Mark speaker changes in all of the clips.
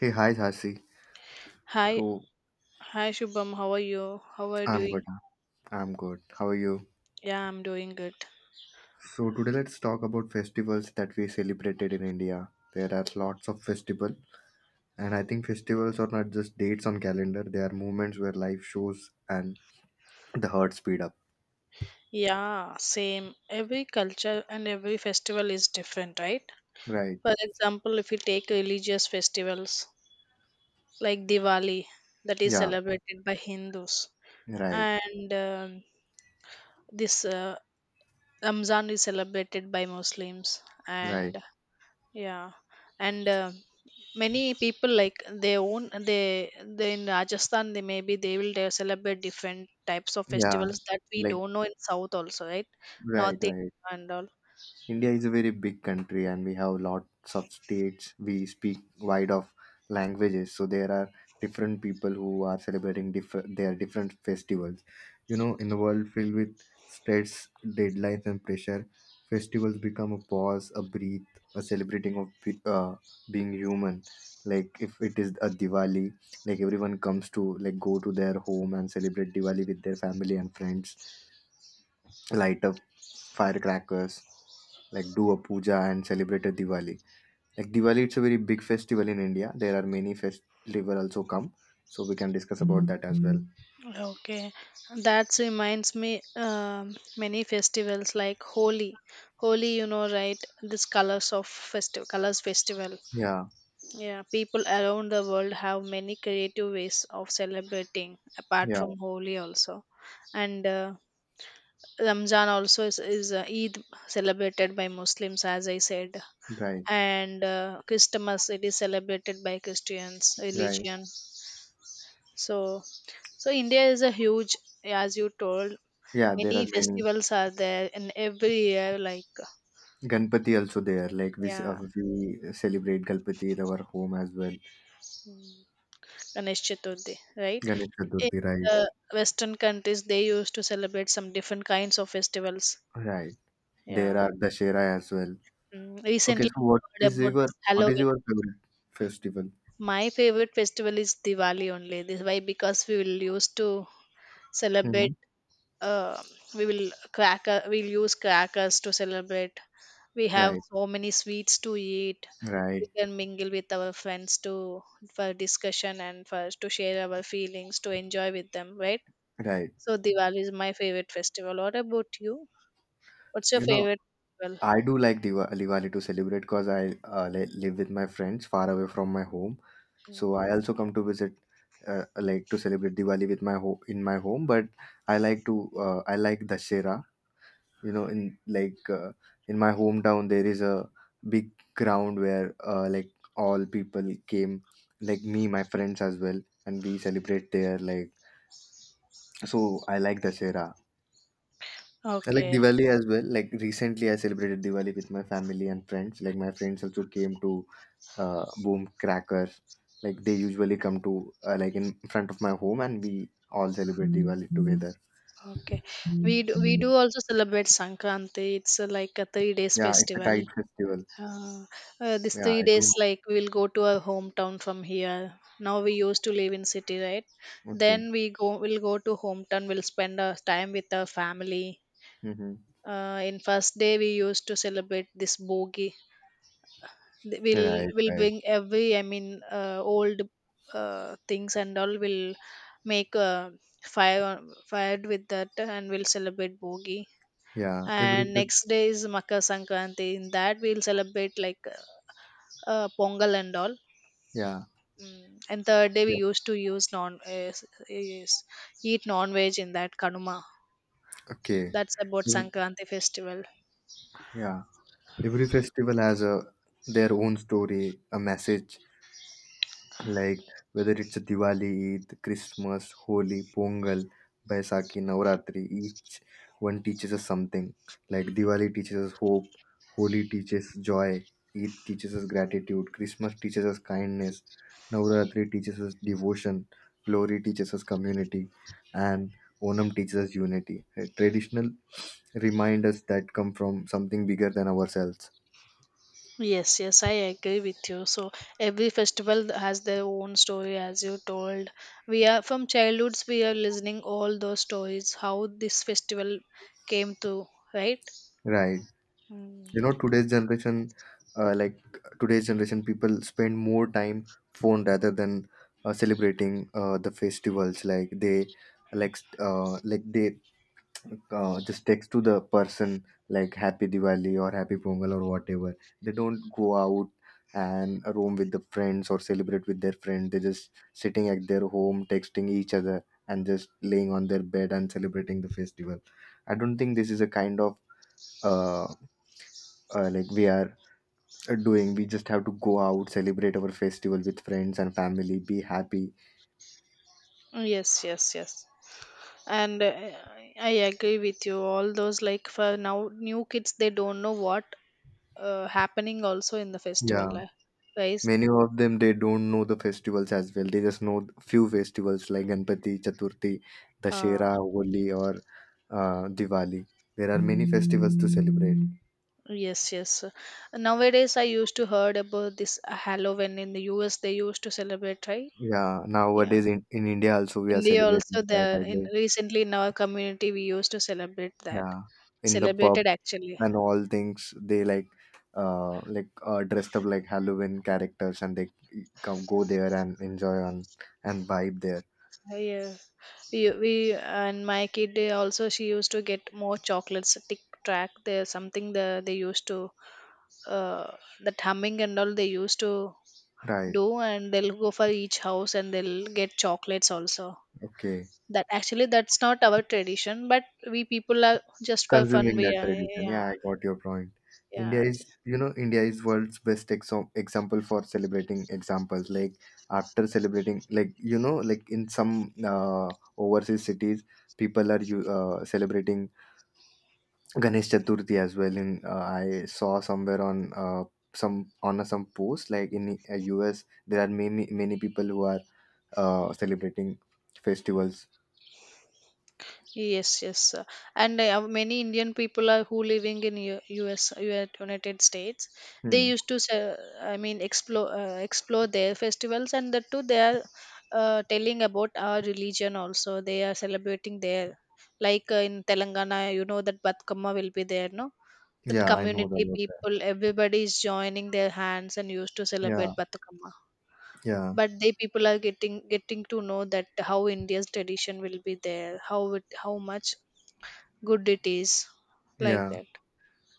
Speaker 1: Hey, hi, Sasi.
Speaker 2: Hi,
Speaker 1: So,
Speaker 2: hi Shubham, how are you? How are you
Speaker 1: I'm good.
Speaker 2: doing?
Speaker 1: Huh? I'm good. How are you?
Speaker 2: Yeah, I'm doing good.
Speaker 1: So, today let's talk about festivals that we celebrated in India. There are lots of festival, and I think festivals are not just dates on calendar. They are moments where life shows and the heart speed up.
Speaker 2: Yeah, same. Every culture and every festival is different, right?
Speaker 1: Right.
Speaker 2: For example, if you take religious festivals like Diwali, that is
Speaker 1: Yeah.
Speaker 2: celebrated by Hindus,
Speaker 1: Right.
Speaker 2: and this Ramzan is celebrated by Muslims,
Speaker 1: Right.
Speaker 2: and yeah, and many people like they in Rajasthan they maybe they will they celebrate different types of
Speaker 1: Yeah.
Speaker 2: festivals that we
Speaker 1: Like.
Speaker 2: don't know in South also, right?
Speaker 1: Right.
Speaker 2: North
Speaker 1: Right.
Speaker 2: India and all.
Speaker 1: India is a very big country and we have lots of states. We speak wide of languages, so there are different people who are celebrating different their different festivals. You know, in a world filled with stress, deadlines, and pressure, festivals become a pause, a breathe, a celebrating of being human. Like if it is a Diwali, like everyone comes to like go to their home and celebrate Diwali with their family and friends, light up firecrackers, like do a puja and celebrated Diwali. Like Diwali, it's a very big festival in India. There are many festival also come, so we can discuss about that as well.
Speaker 2: Okay, that reminds me, many festivals like Holi. Holi, you know, right? This colors of festival, colors festival.
Speaker 1: Yeah,
Speaker 2: Yeah, people around the world have many creative ways of celebrating apart
Speaker 1: yeah,
Speaker 2: from Holi also, and. Ramzan also is Eid celebrated by Muslims, as I said,
Speaker 1: right,
Speaker 2: and Christmas it is celebrated by Christians
Speaker 1: right.
Speaker 2: religion. So, so India is a huge, as you told,
Speaker 1: Yeah, there
Speaker 2: many
Speaker 1: are many.
Speaker 2: festivals are there in every year. Like
Speaker 1: Ganpati also there. Like we s-
Speaker 2: yeah,
Speaker 1: uh, we celebrate Ganpati in our home as well.
Speaker 2: mm, Ganesh Chaturthi, right?
Speaker 1: Ganesh
Speaker 2: In
Speaker 1: Chaturthi, right,
Speaker 2: the Western countries, they used to celebrate some different kinds of festivals.
Speaker 1: right. There
Speaker 2: Yeah,
Speaker 1: are Dashera as well.
Speaker 2: mm,
Speaker 1: Okay,
Speaker 2: recently
Speaker 1: so what
Speaker 2: I heard
Speaker 1: is
Speaker 2: about
Speaker 1: your
Speaker 2: this
Speaker 1: what is
Speaker 2: Halloween.
Speaker 1: your favorite festival?
Speaker 2: My favorite festival is Diwali only. This why because we will used to
Speaker 1: Hmm.
Speaker 2: celebrate. Uh, we will cracker. We'll use crackers to celebrate. We have
Speaker 1: Right,
Speaker 2: so many sweets to eat. We
Speaker 1: right,
Speaker 2: can mingle with our friends to for discussion and for to share our feelings to enjoy with them. Right.
Speaker 1: right.
Speaker 2: So Diwali is my favorite festival. What about you? What's your
Speaker 1: You know,
Speaker 2: favorite festival?
Speaker 1: I do like Diwali to celebrate because I live with my friends far away from my home. So I also come to visit, like to celebrate Diwali with in my home. But I like Dashera. You know, in my hometown there is a big ground where like all people came, like me, my friends as well, and we celebrate there. Like so, I like Dashera. I like
Speaker 2: Okay,
Speaker 1: Diwali as well. Like recently, I celebrated Diwali with my family and friends. Like my friends also came to boom crackers. Like they usually come to like in front of my home, and we all celebrate Diwali together.
Speaker 2: okay. We do also celebrate Sankranti. It's like a 3 days
Speaker 1: Yeah, it's a kite
Speaker 2: festival.
Speaker 1: festival.
Speaker 2: Uh, this
Speaker 1: Yeah,
Speaker 2: three
Speaker 1: I
Speaker 2: days
Speaker 1: do.
Speaker 2: like we will go to our hometown from here. Now we used to live in city, right?
Speaker 1: Okay.
Speaker 2: Then we'll go to hometown. We'll spend our time with our family,
Speaker 1: Mm-hmm.
Speaker 2: in first day we used to celebrate this bogi. Th- we'll
Speaker 1: Right.
Speaker 2: we'll
Speaker 1: Right.
Speaker 2: bring every old things and all. We'll make a fired with that, and we'll celebrate bogi,
Speaker 1: Yeah.
Speaker 2: and next day is Makar Sankranti. In that, we'll celebrate like pongal and all.
Speaker 1: Yeah.
Speaker 2: Mm. And third day we
Speaker 1: Yeah.
Speaker 2: used to use eat non veg in that kanuma.
Speaker 1: Okay.
Speaker 2: That's about
Speaker 1: Mm,
Speaker 2: Sankranti festival.
Speaker 1: yeah. Every festival has a their own story, a message, like whether it's a Diwali, Eid, Christmas, Holi, Pongal, Baisakhi, Navratri, each one teaches us something. Like Diwali teaches us hope, Holi teaches joy, Eid teaches us gratitude, Christmas teaches us kindness, Navratri teaches us devotion, Glory teaches us community, and Onam teaches us unity. Traditional reminders that come from something bigger than ourselves.
Speaker 2: Yes, yes, I agree with you. So every festival has their own story, as you told. We are from childhoods. We are listening all those stories. How this festival came to, right?
Speaker 1: Right.
Speaker 2: Mm.
Speaker 1: You know, uh, like today's generation people spend more time phone rather than celebrating the festivals, like they just text to the person like happy diwali or happy pongal, or whatever. They don't go out and roam with the friends or celebrate with their friend. They just sitting at their home texting each other and just laying on their bed and celebrating the festival. I don't think this is a kind of uh, like we are doing. We just have to go out, celebrate our festival with friends and family, be happy.
Speaker 2: Yes, yes, yes. And I agree with you. All those, like for now, new kids they don't know what happening also in the festival
Speaker 1: Yeah.
Speaker 2: li- guys
Speaker 1: Many of them, they don't know the festivals as well. They just know few festivals like Ganpati, Chaturthi,
Speaker 2: uh,
Speaker 1: Dashera, Holi, or Diwali. There are many festivals to celebrate.
Speaker 2: yes, yes, nowadays I used to heard about this Halloween in the US they used to celebrate, right?
Speaker 1: Yeah,
Speaker 2: Yeah,
Speaker 1: nowadays in India also we are
Speaker 2: India also
Speaker 1: celebrating
Speaker 2: the
Speaker 1: that, I
Speaker 2: in
Speaker 1: guess.
Speaker 2: recently in our community we used to celebrate that,
Speaker 1: Yeah, in the pub
Speaker 2: celebrated actually.
Speaker 1: and all things, they like dressed up like halloween characters, and they come go there and enjoy on and vibe there,
Speaker 2: Yeah, we and my kid they also she used to get more chocolates, tick track, there's something the they used to, uh that humming and all they used to
Speaker 1: right,
Speaker 2: do, and they'll go for each house and they'll get chocolates also.
Speaker 1: okay,
Speaker 2: That actually that's not our tradition, but we people are just for fun
Speaker 1: consuming
Speaker 2: we
Speaker 1: that
Speaker 2: are.
Speaker 1: tradition,
Speaker 2: Yeah,
Speaker 1: yeah, I got your point. India
Speaker 2: yeah.
Speaker 1: is, you know, India is world's best example for celebrating examples, like after celebrating, like like in some overseas cities, people are you celebrating Ganesh Chaturthi as well. In I saw somewhere on some post like in US there are many people who are celebrating festivals.
Speaker 2: Yes, yes, and many Indian people are who living in U.S. United States. They
Speaker 1: Hmm.
Speaker 2: used to, explore their festivals, and that too they are telling about our religion also. They are celebrating their, like in Telangana, you know that Batkama will be there, no? That
Speaker 1: Yeah, I know
Speaker 2: community
Speaker 1: about that.
Speaker 2: people, everybody is joining their hands and used to
Speaker 1: Yeah,
Speaker 2: celebrate Batkama.
Speaker 1: yeah,
Speaker 2: But they people are getting to know that how India's tradition will be there, how it, how much good it is, like
Speaker 1: yeah.
Speaker 2: that.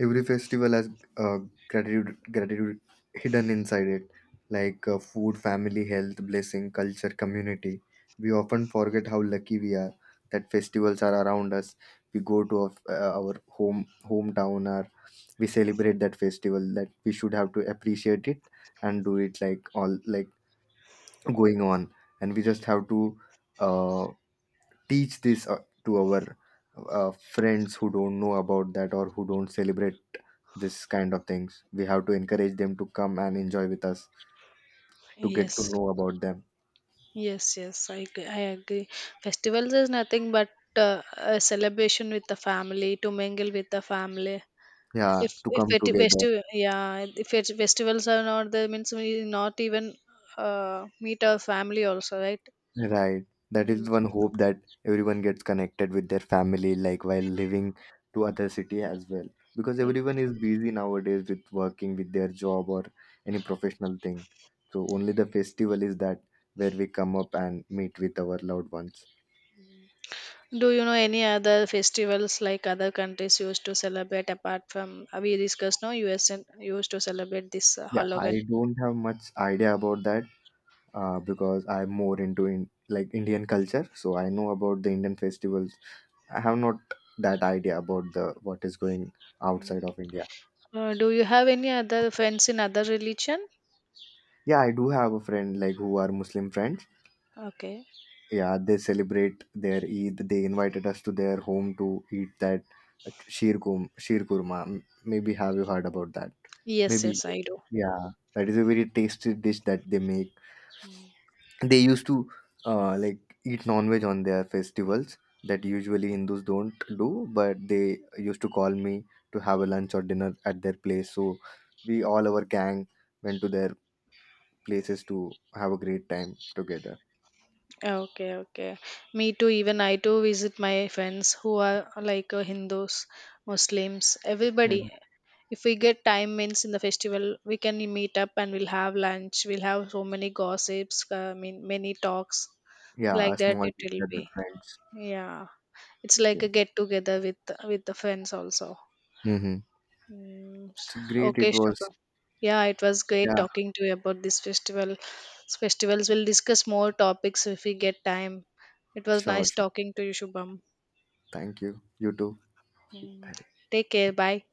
Speaker 1: Every festival has uh, gratitude hidden inside it, like food, family, health, blessing, culture, community. We often forget how lucky we are that festivals are around us. We go to our hometown, our we celebrate that festival, that we should have to appreciate it and do it, like all like going on. And we just have to uh, teach this to our friends who don't know about that, or who don't celebrate this kind of things. We have to encourage them to come and enjoy with us, to get to
Speaker 2: Yes,
Speaker 1: know about them,
Speaker 2: yes, yes, I agree. I agree. Festivals is nothing but a celebration with the family, to mingle with the family.
Speaker 1: yeah,
Speaker 2: if
Speaker 1: to come together.
Speaker 2: if it festivals are not there means we not even meet our family also, right?
Speaker 1: Right. That is
Speaker 2: Mm.
Speaker 1: one hope, that everyone gets connected with their family, like while living to other city as well. Because
Speaker 2: Y-
Speaker 1: everyone is busy nowadays with working with their job or any professional thing. So only the festival is that where we come up and meet with our loved ones.
Speaker 2: do you know any other festivals like other countries used to celebrate apart from we discussed, no, US and used to celebrate this,
Speaker 1: Yeah,
Speaker 2: Halloween?
Speaker 1: I don't have much idea about that, because I'm more into like Indian culture. So I know about the Indian festivals. I have not that idea about the what is going outside of India.
Speaker 2: Do you have any other friends in other religion?
Speaker 1: Yeah, I do have a friend like who are Muslim friends.
Speaker 2: Okay.
Speaker 1: Yeah, they celebrate their Eid. They invited us to their home to eat that sheer kurma. Maybe have you heard about that?
Speaker 2: Yes,
Speaker 1: Maybe,
Speaker 2: yes, I do.
Speaker 1: yeah, that is a very tasty dish that they make. They used to like eat non-veg on their festivals that usually Hindus don't do, but they used to call me to have a lunch or dinner at their place. So we all, our gang, went to their places to have a great time together.
Speaker 2: Okay, okay. Me too. Even I too visit my friends who are like Hindus, Muslims, everybody.
Speaker 1: Mhm.
Speaker 2: If we get time means in the festival, we can meet up and we'll have lunch. We'll have so many gossips. Many talks
Speaker 1: Yeah, a
Speaker 2: like that.
Speaker 1: small
Speaker 2: It will
Speaker 1: business with
Speaker 2: be.
Speaker 1: friends.
Speaker 2: Yeah, it's like a
Speaker 1: Okay.
Speaker 2: get together with the friends also.
Speaker 1: Mm-hmm.
Speaker 2: Mm.
Speaker 1: It's great.
Speaker 2: Okay,
Speaker 1: It
Speaker 2: Shubha.
Speaker 1: was.
Speaker 2: Yeah, it was great
Speaker 1: Yeah,
Speaker 2: talking to you about this festival. Festivals. We'll discuss more topics if we get time. It was
Speaker 1: sure,
Speaker 2: nice
Speaker 1: sure.
Speaker 2: talking to you, Shubham.
Speaker 1: Thank you. You too.
Speaker 2: Take care. Bye.